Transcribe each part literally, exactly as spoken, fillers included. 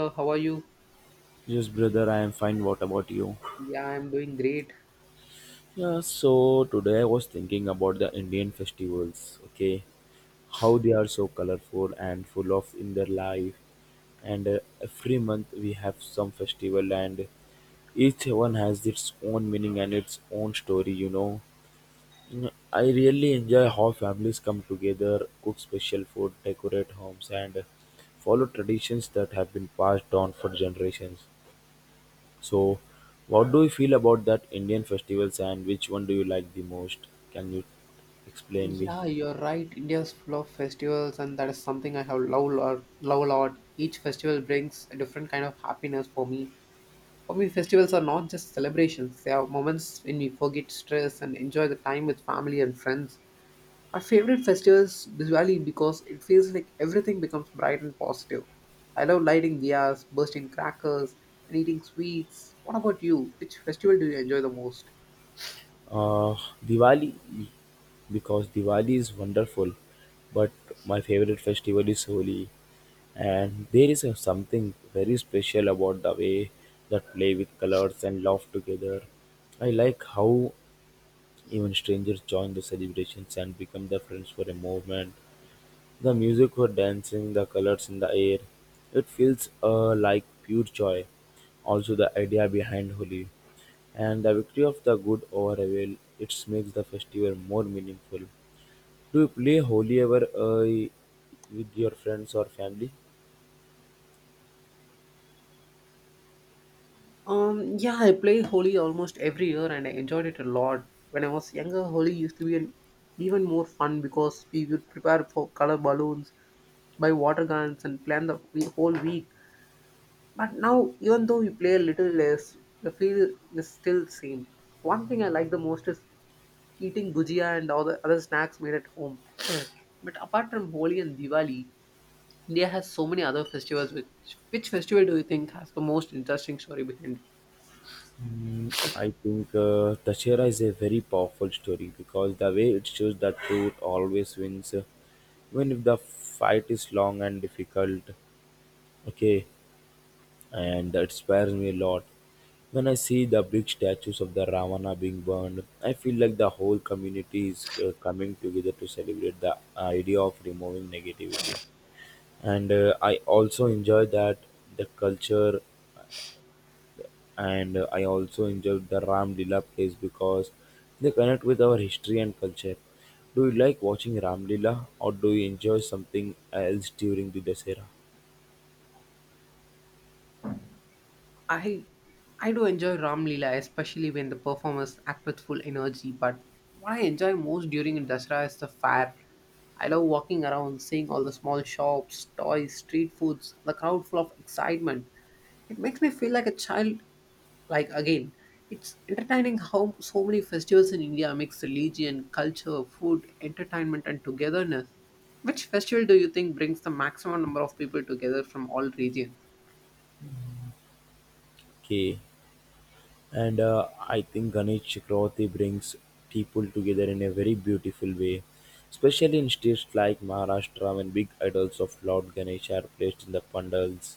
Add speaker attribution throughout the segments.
Speaker 1: Uh, how are you?
Speaker 2: Yes, brother, I am fine. What about you?
Speaker 1: Yeah, I'm doing great.
Speaker 2: Yeah, so today I was thinking about the Indian festivals, okay? How they are so colorful and full of in their life. And uh, every month we have some festival, and each one has its own meaning and its own story, you know. Mm, I really enjoy how families come together, cook special food, decorate homes, and follow traditions that have been passed down for generations. So, what do you feel about that Indian festivals and which one do you like the most? Can you explain me?
Speaker 1: Yeah, you're right. India's full of festivals, and that is something I have love lot. Love lot. Each festival brings a different kind of happiness for me. For me, festivals are not just celebrations. They are moments when we forget stress and enjoy the time with family and friends. My favorite festival is Diwali because it feels like everything becomes bright and positive. I love lighting diyas, bursting crackers, and eating sweets. What about you? Which festival do you enjoy the most?
Speaker 2: Uh, Diwali, because Diwali is wonderful, but my favorite festival is Holi, and there is a, something very special about the way that play with colors and laugh together. I like how even strangers join the celebrations and become their friends for a moment. The music for dancing, the colors in the air, it feels uh, like pure joy. Also, the idea behind Holi and the victory of the good over evil, it makes the festival more meaningful. Do you play Holi ever uh, with your friends or family?
Speaker 1: Um, yeah, I play Holi almost every year and I enjoyed it a lot. When I was younger, Holi used to be an even more fun because we would prepare for color balloons, buy water guns, and plan the we- whole week. But now, even though we play a little less, the feel is still the same. One thing I like the most is eating gujia and all the other snacks made at home. But apart from Holi and Diwali, India has so many other festivals. Which which festival do you think has the most interesting story behind it?
Speaker 2: Mm, I think uh, Tashera is a very powerful story because the way it shows that truth always wins, uh, even if the fight is long and difficult. Okay, and it scares me a lot. When I see the big statues of the Ravana being burned, I feel like the whole community is uh, coming together to celebrate the idea of removing negativity. And uh, I also enjoy that the culture, and uh, I also enjoy the Ram Lila plays because they connect with our history and culture. Do you like watching Ram Lila or do you enjoy something else during the Dasera?
Speaker 1: I I do enjoy Ram Leela, especially when the performers act with full energy. But what I enjoy most during Dasara is the fair. I love walking around, seeing all the small shops, toys, street foods, the crowd full of excitement. It makes me feel like a child. Like again, it's entertaining how so many festivals in India mix religion, culture, food, entertainment, and togetherness. Which festival do you think brings the maximum number of people together from all regions?
Speaker 2: Okay, and uh, I think Ganesh Chakravarti brings people together in a very beautiful way, especially in states like Maharashtra when big idols of Lord Ganesh are placed in the pandals,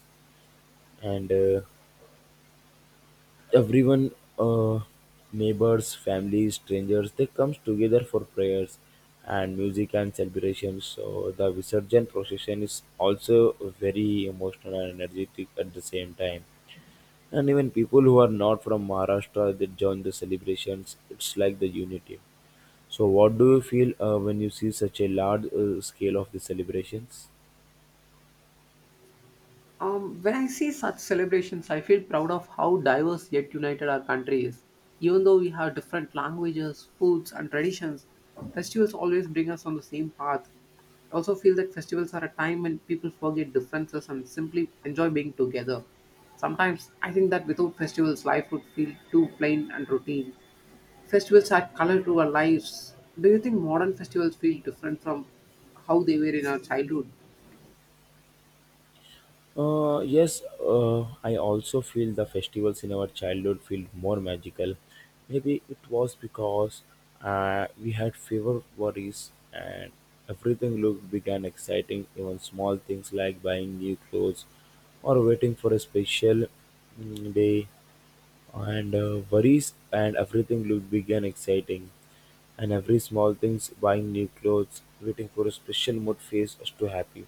Speaker 2: and uh, everyone, uh, neighbors, families, strangers, they comes together for prayers and music and celebrations. So the visarjan procession is also very emotional and energetic at the same time, and even people who are not from Maharashtra, they join the celebrations. It's like the unity. So, what do you feel uh, when you see such a large uh, scale of the celebrations?
Speaker 1: Um, when I see such celebrations, I feel proud of how diverse yet united our country is. Even though we have different languages, foods, and traditions, festivals always bring us on the same path. I also feel that festivals are a time when people forget differences and simply enjoy being together. Sometimes I think that without festivals, life would feel too plain and routine. Festivals add color to our lives. Do you think modern festivals feel different from how they were in our childhood?
Speaker 2: Uh, yes, uh, I also feel the festivals in our childhood feel more magical. Maybe it was because uh, we had fewer worries and everything looked big and exciting. Even small things like buying new clothes or waiting for a special mm, day and uh, worries and everything will begin exciting and every small things buying new clothes waiting for a special mood phase us to happy.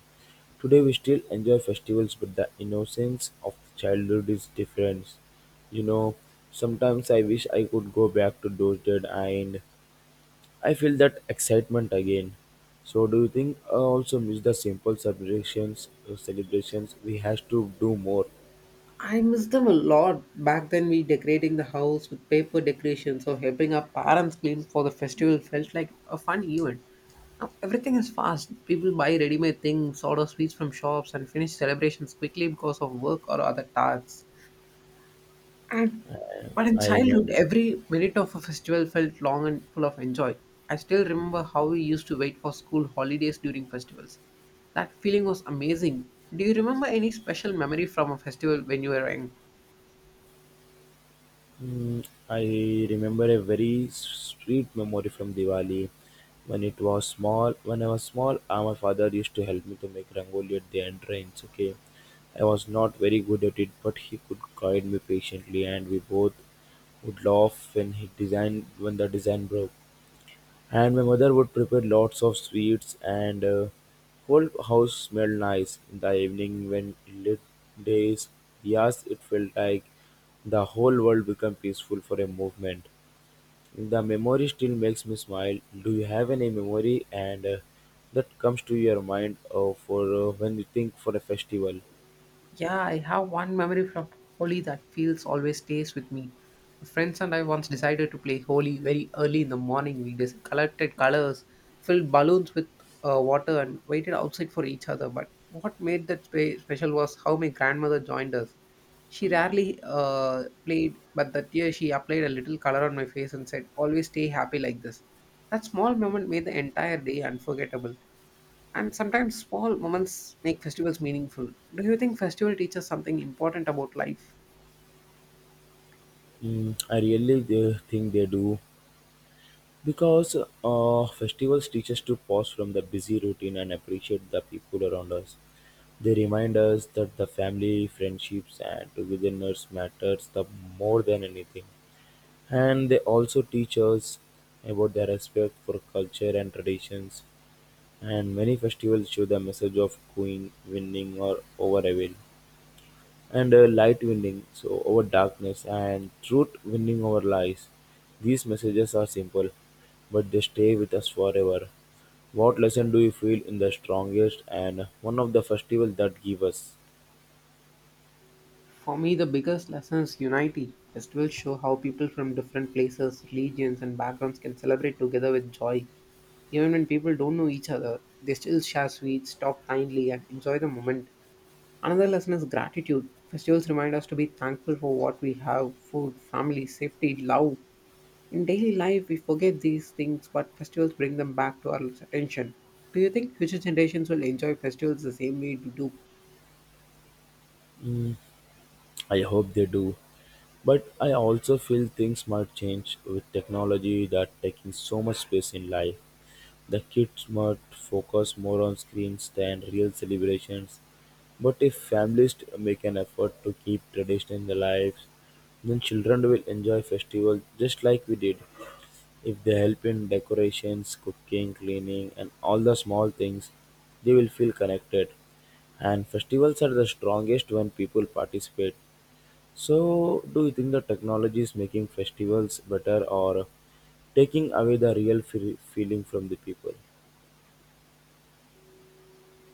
Speaker 2: Today we still enjoy festivals, but the innocence of childhood is different, you know. Sometimes I wish I could go back to those days and I feel that excitement again. So do you think I also miss the simple celebrations, uh, celebrations we have to do more?
Speaker 1: I miss them a lot. Back then, we decorating the house with paper decorations or helping our parents clean for the festival felt like a fun event. Now everything is fast. People buy ready-made things, order sweets from shops, and finish celebrations quickly because of work or other tasks. And but in
Speaker 2: I remember.
Speaker 1: childhood, every minute of a festival felt long and full of enjoy. I still remember how we used to wait for school holidays during festivals. That feeling was amazing. Do you remember any special memory from a festival when you were young?
Speaker 2: Mm, I remember a very sweet memory from Diwali. When it was small, when I was small, uh, my father used to help me to make rangoli at the entrance. Okay, I was not very good at it, but he could guide me patiently, and we both would laugh when he designed when the design broke. And my mother would prepare lots of sweets, and uh, whole house smelled nice in the evening when lit days. Yes, it felt like the whole world became peaceful for a moment. The memory still makes me smile. Do you have any memory and uh, that comes to your mind uh, for uh, when you think for a festival?
Speaker 1: Yeah, I have one memory from Holi that feels always stays with me. My friends and I once decided to play Holi very early in the morning. We just collected colors, filled balloons with uh, water, and waited outside for each other. But what made that spe- special was how my grandmother joined us. She rarely uh, played, but that year she applied a little color on my face and said, "Always stay happy like this." That small moment made the entire day unforgettable. And sometimes small moments make festivals meaningful. Do you think festival teaches something important about life?
Speaker 2: Mm, I really uh, think they do because uh, festivals teach us to pause from the busy routine and appreciate the people around us. They remind us that the family, friendships, and togetherness matters the more than anything. And they also teach us about their respect for culture and traditions. And many festivals show the message of queen winning or over evil, and uh, light winning, so over darkness, and truth winning over lies. These messages are simple, but they stay with us forever. What lesson do you feel in the strongest and one of the festivals that give us?
Speaker 1: For me, the biggest lesson is unity. Festivals show how people from different places, religions, and backgrounds can celebrate together with joy. Even when people don't know each other, they still share sweets, talk kindly, and enjoy the moment. Another lesson is gratitude. Festivals remind us to be thankful for what we have food, family, safety, love, in daily life, we forget these things, but festivals bring them back to our attention. Do you think future generations will enjoy festivals the same way we do?
Speaker 2: I hope they do. But I also feel things might change with technology that taking so much space in life. The kids might focus more on screens than real celebrations. But if families make an effort to keep tradition in their lives, then children will enjoy festivals just like we did. If they help in decorations, cooking, cleaning, and all the small things, they will feel connected. And festivals are the strongest when people participate. So, do you think the technology is making festivals better or taking away the real fe- feeling from the people?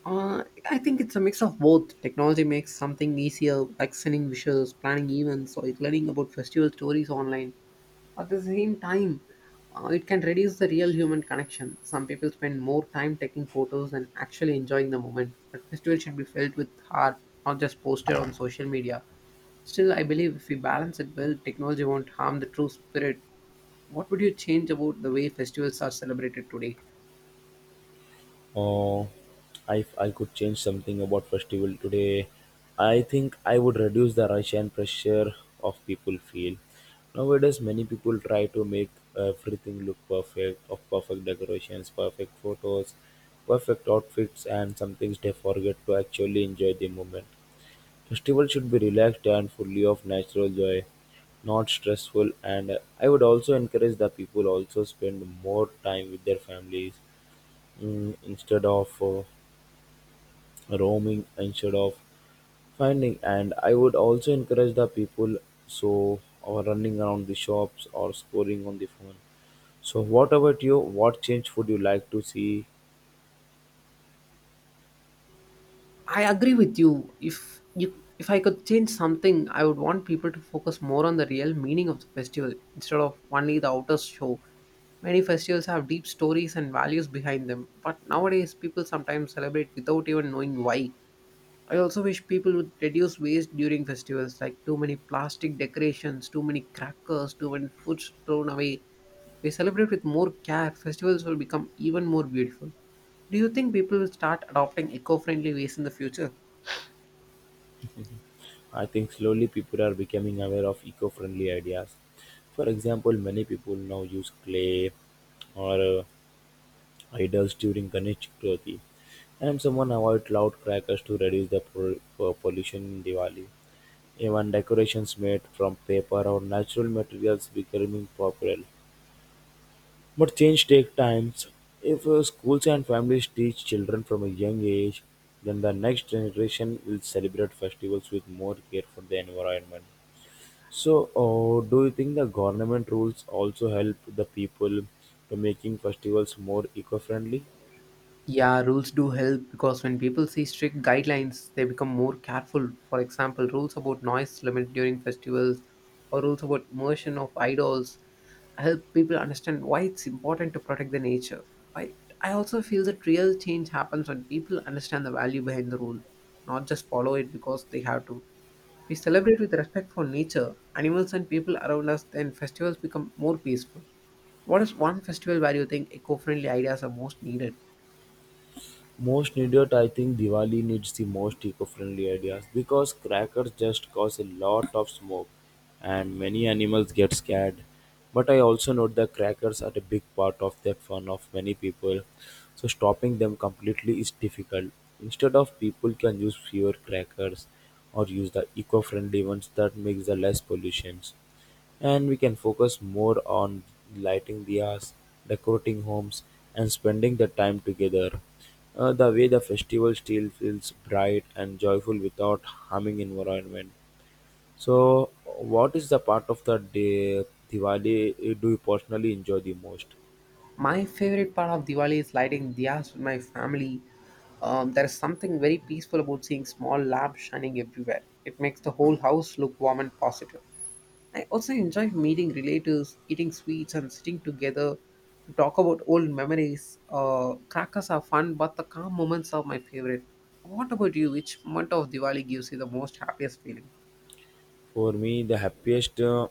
Speaker 1: Uh, I think it's a mix of both. Technology makes something easier, like sending wishes, planning events, or learning about festival stories online. At the same time, uh, it can reduce the real human connection. Some people spend more time taking photos and actually enjoying the moment, but festival should be felt with heart, not just posted on social media. Still, I believe if we balance it well, technology won't harm the true spirit. What would you change about the way festivals are celebrated today?
Speaker 2: Uh, if I could change something about festival today, I think I would reduce the rush and pressure of people feel. Nowadays, many people try to make everything look perfect, of perfect decorations, perfect photos, perfect outfits, and some things they forget to actually enjoy the moment. Festival should be relaxed and fully of natural joy, not stressful. And I would also encourage the people also spend more time with their families, mm, instead of uh, roaming, instead of finding. And I would also encourage the people so or running around the shops or scoring on the phone. So, what about you? What change would you like to see?
Speaker 1: I agree with you. If you, if I could change something, I would want people to focus more on the real meaning of the festival instead of only the outer show. Many festivals have deep stories and values behind them, but nowadays people sometimes celebrate without even knowing why. I also wish people would reduce waste during festivals, like too many plastic decorations, too many crackers, too many foods thrown away. If we celebrate with more care, festivals will become even more beautiful. Do you think people will start adopting eco friendly ways in the future?
Speaker 2: I think slowly people are becoming aware of eco friendly ideas. For example, many people now use clay or uh, idols during Ganesh Chaturthi, and someone avoid loud crackers to reduce the pro- uh, pollution in Diwali. Even decorations made from paper or natural materials becoming popular. But change takes time. If uh, schools and families teach children from a young age, then the next generation will celebrate festivals with more care for the environment. So, uh, do you think the government rules also help the people to making festivals more eco-friendly?
Speaker 1: Yeah, rules do help because when people see strict guidelines, they become more careful. For example, rules about noise limit during festivals or rules about immersion of idols help people understand why it's important to protect the nature. I, I also feel that real change happens when people understand the value behind the rule, not just follow it because they have to. If we celebrate with respect for nature, animals, and people around us, then festivals become more peaceful. What is one festival where you think eco friendly ideas are most needed?
Speaker 2: Most needed, I think Diwali needs the most eco-friendly ideas because crackers just cause a lot of smoke, and many animals get scared. But I also note the crackers are a big part of that fun of many people, so stopping them completely is difficult. Instead of people can use fewer crackers or use the eco-friendly ones that makes the less pollutions. And we can focus more on lighting diyas, decorating homes, and spending the time together. Uh, the way the festival still feels bright and joyful without harming environment. So, what is the part of the day, Diwali uh, do you personally enjoy the most?
Speaker 1: My favorite part of Diwali is lighting diyas with my family. Um, there is something very peaceful about seeing small lamps shining everywhere. It makes the whole house look warm and positive. I also enjoy meeting relatives, eating sweets, and sitting together to talk about old memories. Uh, crackers are fun, but the calm moments are my favorite. What about you? Which month of Diwali gives you the most happiest feeling?
Speaker 2: For me, the happiest uh,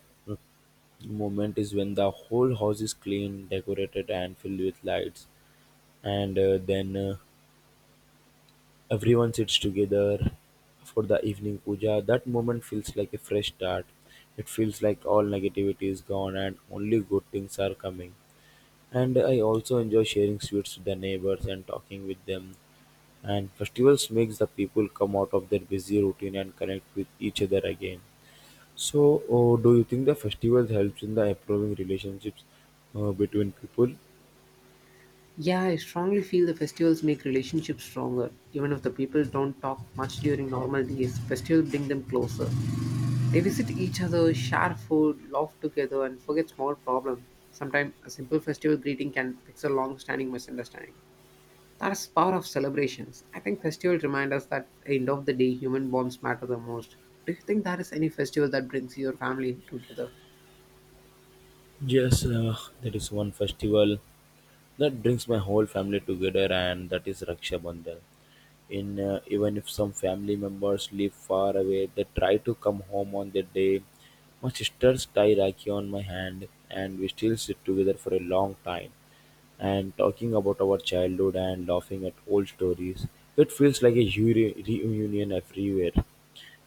Speaker 2: moment is when the whole house is clean, decorated, and filled with lights, and uh, then. Uh, Everyone sits together for the evening puja. That moment feels like a fresh start. It feels like all negativity is gone and only good things are coming. And I also enjoy sharing sweets with the neighbors and talking with them. And festivals makes the people come out of their busy routine and connect with each other again. So, oh, do you think the festival helps in the improving relationships uh, between people?
Speaker 1: Yeah, I strongly feel the festivals make relationships stronger. Even if the people don't talk much during normal days, festivals bring them closer. They visit each other, share food, laugh together, and forget small problems. Sometimes a simple festival greeting can fix a long standing misunderstanding. That's the power of celebrations. I think festivals remind us that at the end of the day, human bonds matter the most. Do you think there is any festival that brings your family together?
Speaker 2: Yes, uh, that is one festival that brings my whole family together, and that is Raksha Bandhan. In uh, even if some family members live far away, they try to come home on that day. My sisters tie Rakhi on my hand, and we still sit together for a long time and talking about our childhood and laughing at old stories. It feels like a re- reunion everywhere,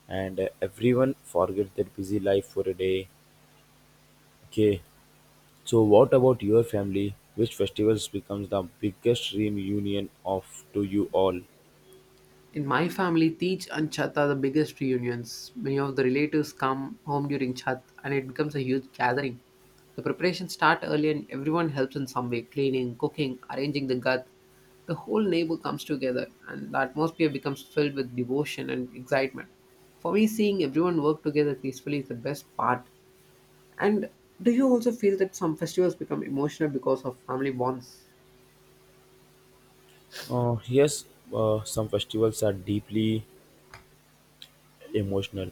Speaker 2: and uh, everyone forgets their busy life for a day. Okay, so, what about your family? Which festivals becomes the biggest reunion of to you all?
Speaker 1: In my family, Tej and Chhat are the biggest reunions. Many of the relatives come home during Chat, and it becomes a huge gathering. The preparations start early and everyone helps in some way cleaning, cooking, arranging the gat. The whole neighbor comes together and the atmosphere becomes filled with devotion and excitement. For me, seeing everyone work together peacefully is the best part. And do you also feel that some festivals become emotional because of family bonds?
Speaker 2: Uh, yes, uh, some festivals are deeply emotional.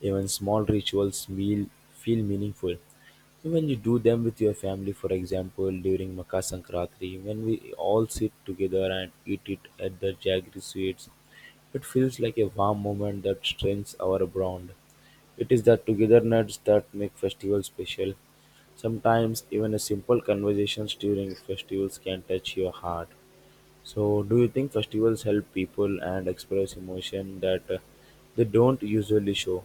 Speaker 2: Even small rituals meal feel meaningful. When you do them with your family, for example, during Makar Sankranti, when we all sit together and eat it at the Jaggery Sweets, it feels like a warm moment that strengthens our bond. It is the togetherness that make festival special. Sometimes even a simple conversations during festivals can touch your heart. So, do you think festivals help people and express emotion that uh, they don't usually show?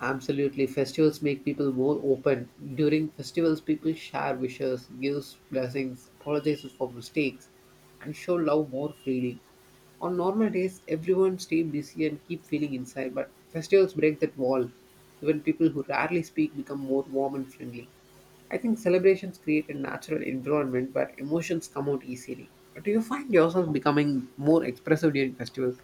Speaker 1: Absolutely, festivals make people more open. During festivals, people share wishes, gives blessings, apologizes for mistakes, and show love more freely. On normal days, everyone stay busy and keep feeling inside, but festivals break that wall. Even people who rarely speak become more warm and friendly. I think celebrations create a natural environment where emotions come out easily. Do you find yourself becoming more expressive during festivals?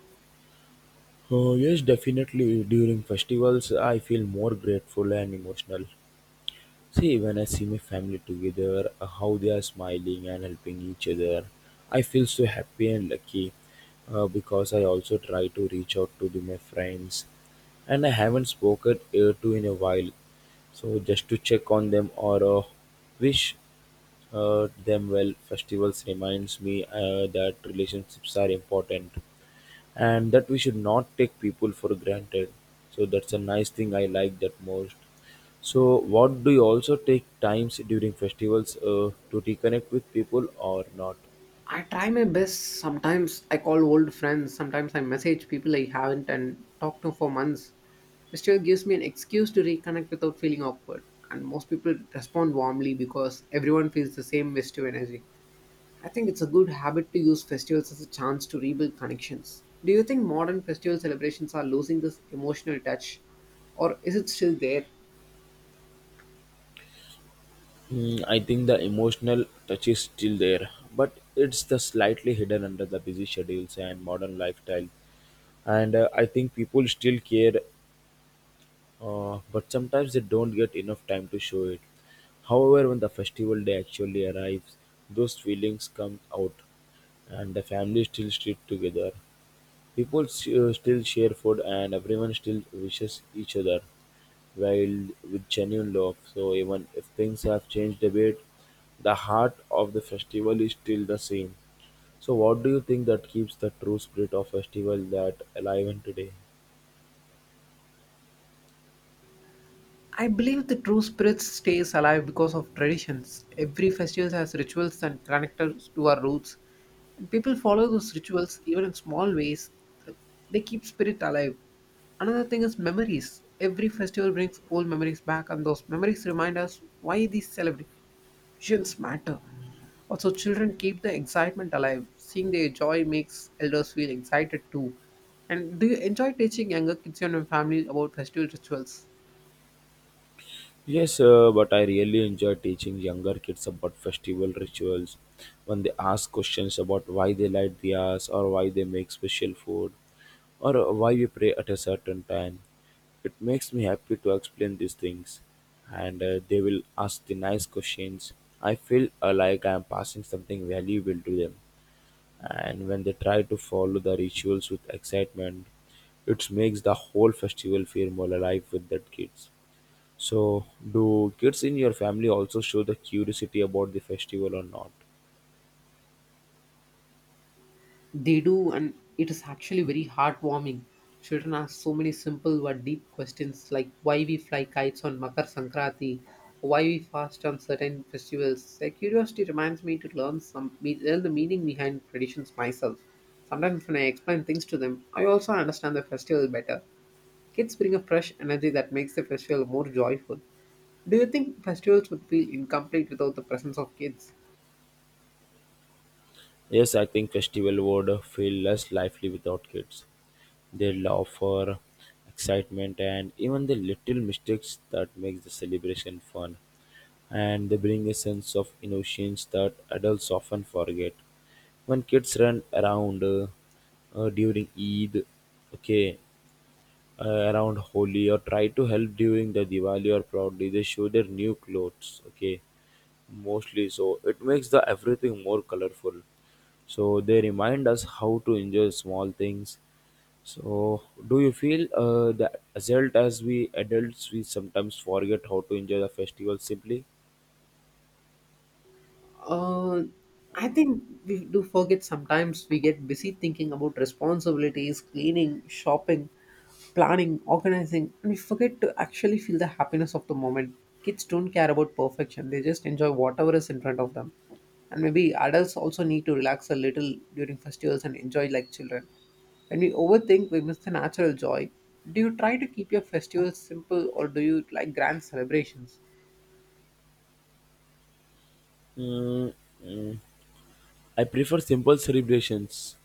Speaker 2: Oh, yes, definitely. During festivals, I feel more grateful and emotional. See, when I see my family together, uh, how they are smiling and helping each other, I feel so happy and lucky uh, because I also try to reach out to the, my friends and I haven't spoken uh, to in a while. So just to check on them or uh, wish uh, them well. Festivals reminds me uh, that relationships are important and that we should not take people for granted. So that's a nice thing I like that most. So what do you also take times during festivals uh, to reconnect with people or not?
Speaker 1: I try my best. Sometimes I call old friends, sometimes I message people I haven't and talked to for months. It still gives me an excuse to reconnect without feeling awkward. And most people respond warmly because everyone feels the same festive energy. I think it's a good habit to use festivals as a chance to rebuild connections. Do you think modern festival celebrations are losing this emotional touch? Or is it still there?
Speaker 2: Mm, I think the emotional touch is still there, but it's the slightly hidden under the busy schedules and modern lifestyle. And uh, I think people still care, uh, but sometimes they don't get enough time to show it. However, when the festival day actually arrives, those feelings come out, and the family still sit together. People s- uh, still share food and everyone still wishes each other while with genuine love. So even if things have changed a bit, the heart of the festival is still the same. So what do you think that keeps the true spirit of festival that alive in today?
Speaker 1: I believe the true spirit stays alive because of traditions. Every festival has rituals and connectors to our roots, and people follow those rituals even in small ways. They keep spirit alive. Another thing is memories. Every festival brings old memories back, and those memories remind us why these celebrations matter. Also, children keep the excitement alive. Seeing their joy makes elders feel excited too. And do you enjoy teaching younger kids in your family about festival rituals?
Speaker 2: Yes, uh, but I really enjoy teaching younger kids about festival rituals when they ask questions about why they light diyas or why they make special food or uh, why we pray at a certain time. It makes me happy to explain these things and uh, they will ask the nice questions. I feel uh, like I am passing something valuable to them. And when they try to follow the rituals with excitement, it makes the whole festival feel more alive with that kids. So, do kids in your family also show the curiosity about the festival or not?
Speaker 1: They do, and it is actually very heartwarming. Children ask so many simple but deep questions like why we fly kites on Makar Sankranti, why we fast on certain festivals. Their curiosity reminds me to learn some learn the meaning behind traditions myself. Sometimes when I explain things to them, I also understand the festival better. Kids bring a fresh energy that makes the festival more joyful. Do you think festivals would feel incomplete without the presence of kids?
Speaker 2: Yes, I think festival would feel less lively without kids. They love for excitement and even the little mistakes that makes the celebration fun. And they bring a sense of innocence that adults often forget. When kids run around uh, uh, during Eid, okay, uh, around Holi or try to help during the Diwali or proudly they show their new clothes. Okay, mostly so it makes the everything more colorful. So they remind us how to enjoy small things. So do you feel uh, that adult as we adults we sometimes forget how to enjoy the festival simply?
Speaker 1: Uh, I think we do forget sometimes we get busy thinking about responsibilities, cleaning, shopping, planning, organizing, and we forget to actually feel the happiness of the moment. Kids don't care about perfection, they just enjoy whatever is in front of them. And maybe adults also need to relax a little during festivals and enjoy like children. When we overthink, we miss the natural joy. Do you try to keep your festivals simple or do you like grand celebrations?
Speaker 2: Mm, mm. I prefer simple celebrations.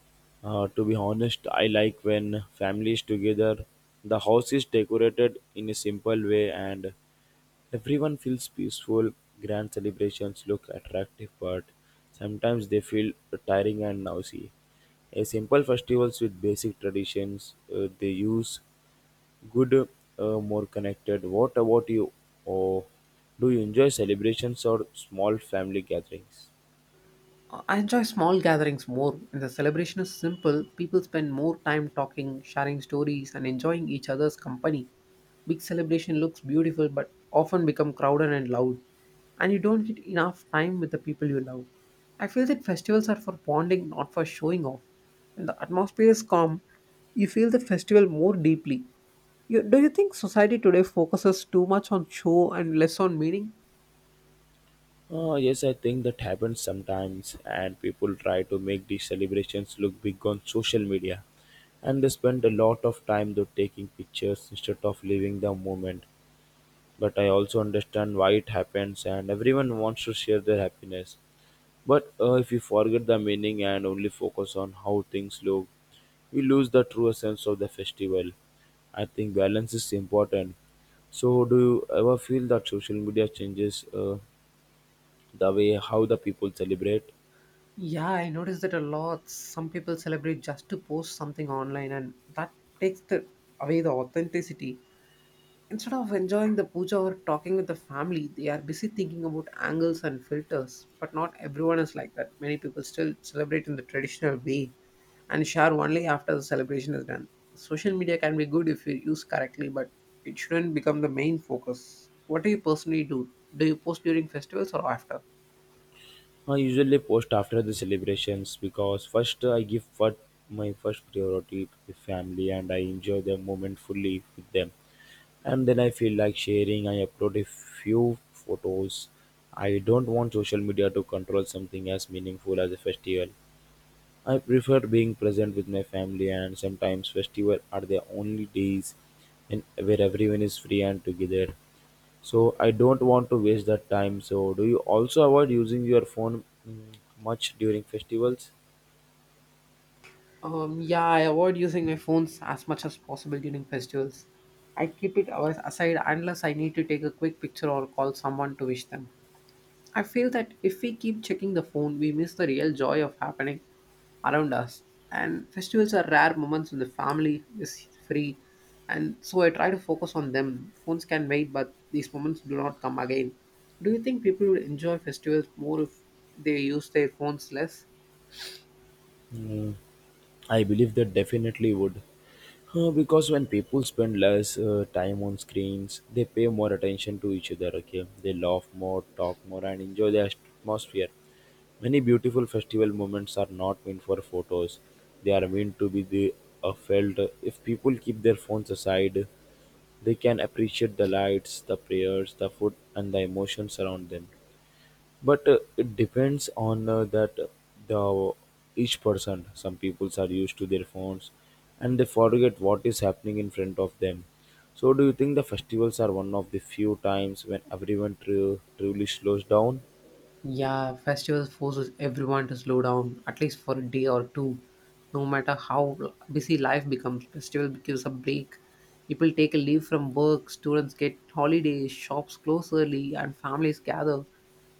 Speaker 2: Uh, to be honest, I like when families together, the house is decorated in a simple way and everyone feels peaceful. Grand celebrations look attractive, but sometimes they feel tiring and noisy. A simple festivals with basic traditions, uh, they use good, uh, more connected. What about you? Or do you enjoy celebrations or small family gatherings?
Speaker 1: Uh, I enjoy small gatherings more. When the celebration is simple, people spend more time talking, sharing stories, and enjoying each other's company. Big celebration looks beautiful but often become crowded and loud, and you don't get enough time with the people you love. I feel that festivals are for bonding, not for showing off. When the atmosphere is calm, you feel the festival more deeply. You, do you think society today focuses too much on show and less on meaning?
Speaker 2: Uh, yes, I think that happens sometimes, and people try to make these celebrations look big on social media, and they spend a lot of time though taking pictures instead of living the moment. But I also understand why it happens, and everyone wants to share their happiness. But uh, if we forget the meaning and only focus on how things look, we lose the true essence of the festival. I think balance is important. So, do you ever feel that social media changes uh, the way how the people celebrate?
Speaker 1: Yeah, I noticed that a lot. Some people celebrate just to post something online, and that takes the, away the authenticity. Instead of enjoying the puja or talking with the family, they are busy thinking about angles and filters. But not everyone is like that. Many people still celebrate in the traditional way and share only after the celebration is done. Social media can be good if you use correctly, but it shouldn't become the main focus. What do you personally do? Do you post during festivals or after?
Speaker 2: I usually post after the celebrations because first I give what my first priority to the family and I enjoy the moment fully with them and then I feel like sharing I upload a few photos I don't want social media to control something as meaningful as a festival. I prefer being present with my family, and sometimes festivals are the only days in where everyone is free and together. So I don't want to waste that time. So do you also avoid using your phone mm, much during festivals?
Speaker 1: Um, yeah, I avoid using my phones as much as possible during festivals. I keep it always aside unless I need to take a quick picture or call someone to wish them. I feel that if we keep checking the phone, we miss the real joy of happening around us. And festivals are rare moments when the family is free, and so I try to focus on them. Phones can wait, but these moments do not come again. Do you think people would enjoy festivals more if they use their phones less?
Speaker 2: Mm. I believe that definitely would. Uh, because when people spend less uh, time on screens, they pay more attention to each other, okay? They laugh more, talk more, and enjoy the atmosphere. Many beautiful festival moments are not meant for photos, they are meant to be the, uh, felt. If people keep their phones aside, they can appreciate the lights, the prayers, the food, and the emotions around them, but uh, it depends on uh, that uh, the each person. Some peoples are used to their phones and they forget what is happening in front of them. So do you think the festivals are one of the few times when everyone tru- truly slows down?
Speaker 1: Yeah, festivals forces everyone to slow down at least for a day or two. No matter how busy life becomes, festival gives a break. People take a leave from work, students get holidays, shops close early, and families gather.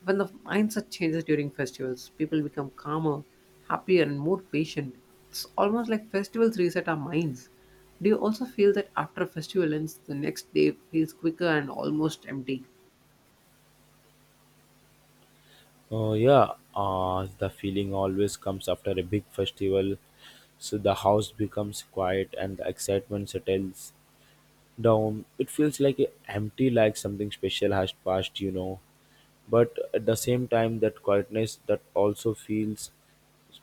Speaker 1: Even the mindset changes during festivals. People become calmer, happier, and more patient. It's almost like festivals reset our minds. Do you also feel that after a festival ends, the next day feels quicker and almost empty?
Speaker 2: uh, Yeah, uh, the feeling always comes after a big festival. So the house becomes quiet and the excitement settles down. It feels like empty, like something special has passed, you know. But at the same time, that quietness that also feels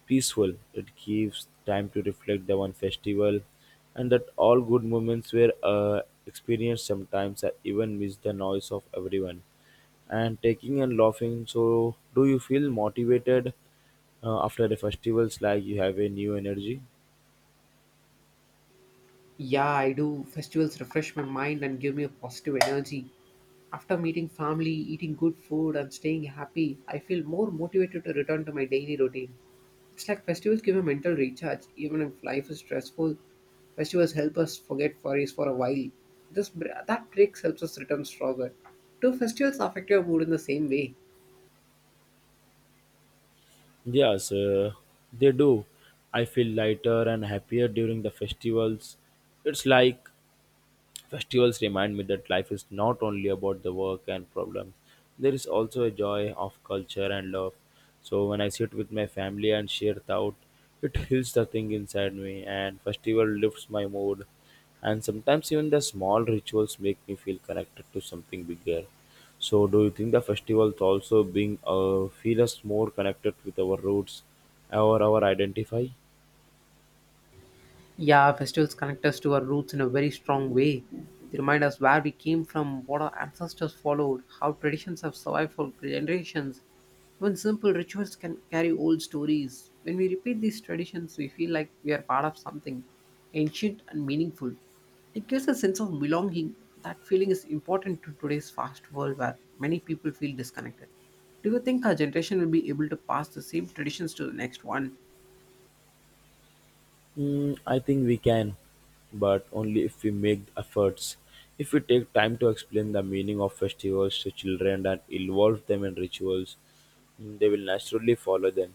Speaker 2: peaceful. It gives time to reflect the one festival, and that all good moments were uh, experienced. Sometimes I even miss the noise of everyone and taking and laughing. So, do you feel motivated uh, after the festivals like you have a new energy?
Speaker 1: Yeah, I do. Festivals refresh my mind and give me a positive energy. After meeting family, eating good food, and staying happy, I feel more motivated to return to my daily routine. It's like festivals give a mental recharge, even if life is stressful. Festivals help us forget worries for a while. This br- that break helps us return stronger. Do festivals affect your mood in the same way?
Speaker 2: Yes, uh, they do. I feel lighter and happier during the festivals. It's like festivals remind me that life is not only about the work and problems. There is also a joy of culture and love. So when I sit with my family and share thought, it heals the thing inside me and festival lifts my mood. And sometimes even the small rituals make me feel connected to something bigger. So do you think the festivals also being uh, feel us more connected with our roots or our identify?
Speaker 1: Yeah, festivals connect us to our roots in a very strong way. They remind us where we came from, what our ancestors followed, how traditions have survived for generations. Even simple rituals can carry old stories. When we repeat these traditions, we feel like we are part of something ancient and meaningful. It gives a sense of belonging. That feeling is important to today's fast world where many people feel disconnected. Do you think our generation will be able to pass the same traditions to the next one?
Speaker 2: Mm, I think we can, but only if we make efforts. If we take time to explain the meaning of festivals to children and involve them in rituals, mm, they will naturally follow them.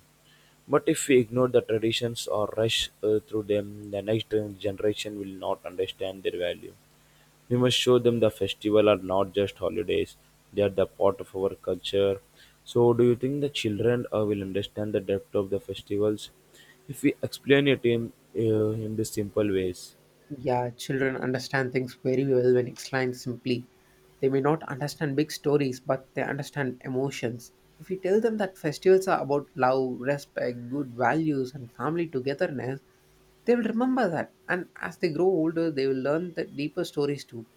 Speaker 2: But if we ignore the traditions or rush uh, through them, the next generation will not understand their value. We must show them the festival are not just holidays; they are the part of our culture. So, do you think the children uh, will understand the depth of the festivals if we explain it in uh, in the simple ways?
Speaker 1: Yeah, children understand things very well when explained simply. They may not understand big stories, but they understand emotions. If we tell them that festivals are about love, respect, good values, and family togetherness, they will remember that. And as they grow older, they will learn the deeper stories too.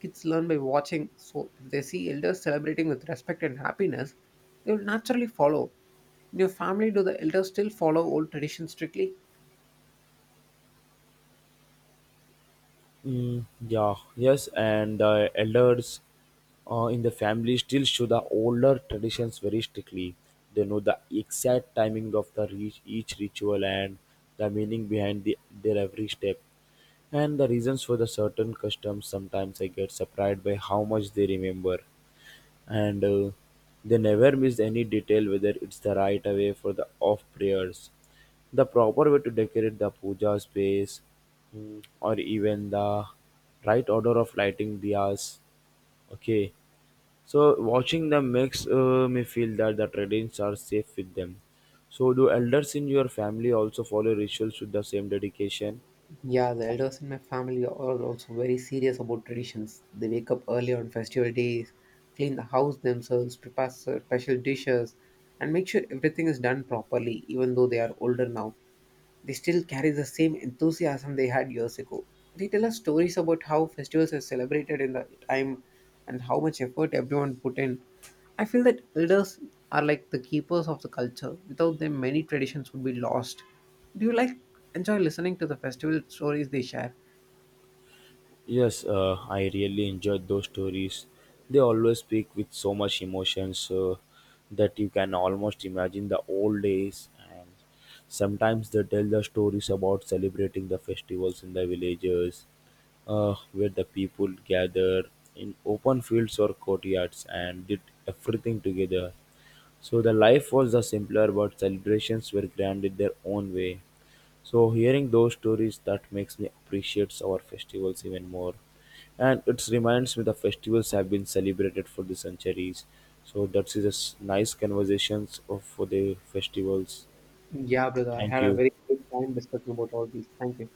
Speaker 1: Kids learn by watching, so if they see elders celebrating with respect and happiness, they will naturally follow. In your family, do the elders still follow old traditions strictly?
Speaker 2: Mm, yeah, yes, and the elders uh, in the family still show the older traditions very strictly. They know the exact timing of the re- each ritual and the meaning behind the, their every step, and the reasons for the certain customs. Sometimes I get surprised by how much they remember, and uh, they never miss any detail, whether it's the right way for the off prayers, the proper way to decorate the puja space, mm, or even the right order of lighting diyas. Okay, so watching them makes uh, me feel that the traditions are safe with them. So do elders in your family also follow rituals with the same dedication?
Speaker 1: Yeah, the elders in my family are also very serious about traditions. They wake up early on festival days, clean the house themselves, prepare special dishes, and make sure everything is done properly, even though they are older now. They still carry the same enthusiasm they had years ago. They tell us stories about how festivals are celebrated in the time and how much effort everyone put in. I feel that elders are like the keepers of the culture. Without them, many traditions would be lost. Do you like enjoy listening to the festival stories they share?
Speaker 2: Yes, uh, I really enjoyed those stories. They always speak with so much emotions uh, that you can almost imagine the old days. And sometimes they tell the stories about celebrating the festivals in the villages, uh, where the people gather in open fields or courtyards and did everything together. So the life was the simpler, but celebrations were grand in their own way. So hearing those stories that makes me appreciate our festivals even more. And it reminds me the festivals have been celebrated for the centuries. So that is a s- nice conversations of for the festivals.
Speaker 1: Yeah, brother, I
Speaker 2: Thank
Speaker 1: had a
Speaker 2: you.
Speaker 1: very good time discussing about all these. Thank you.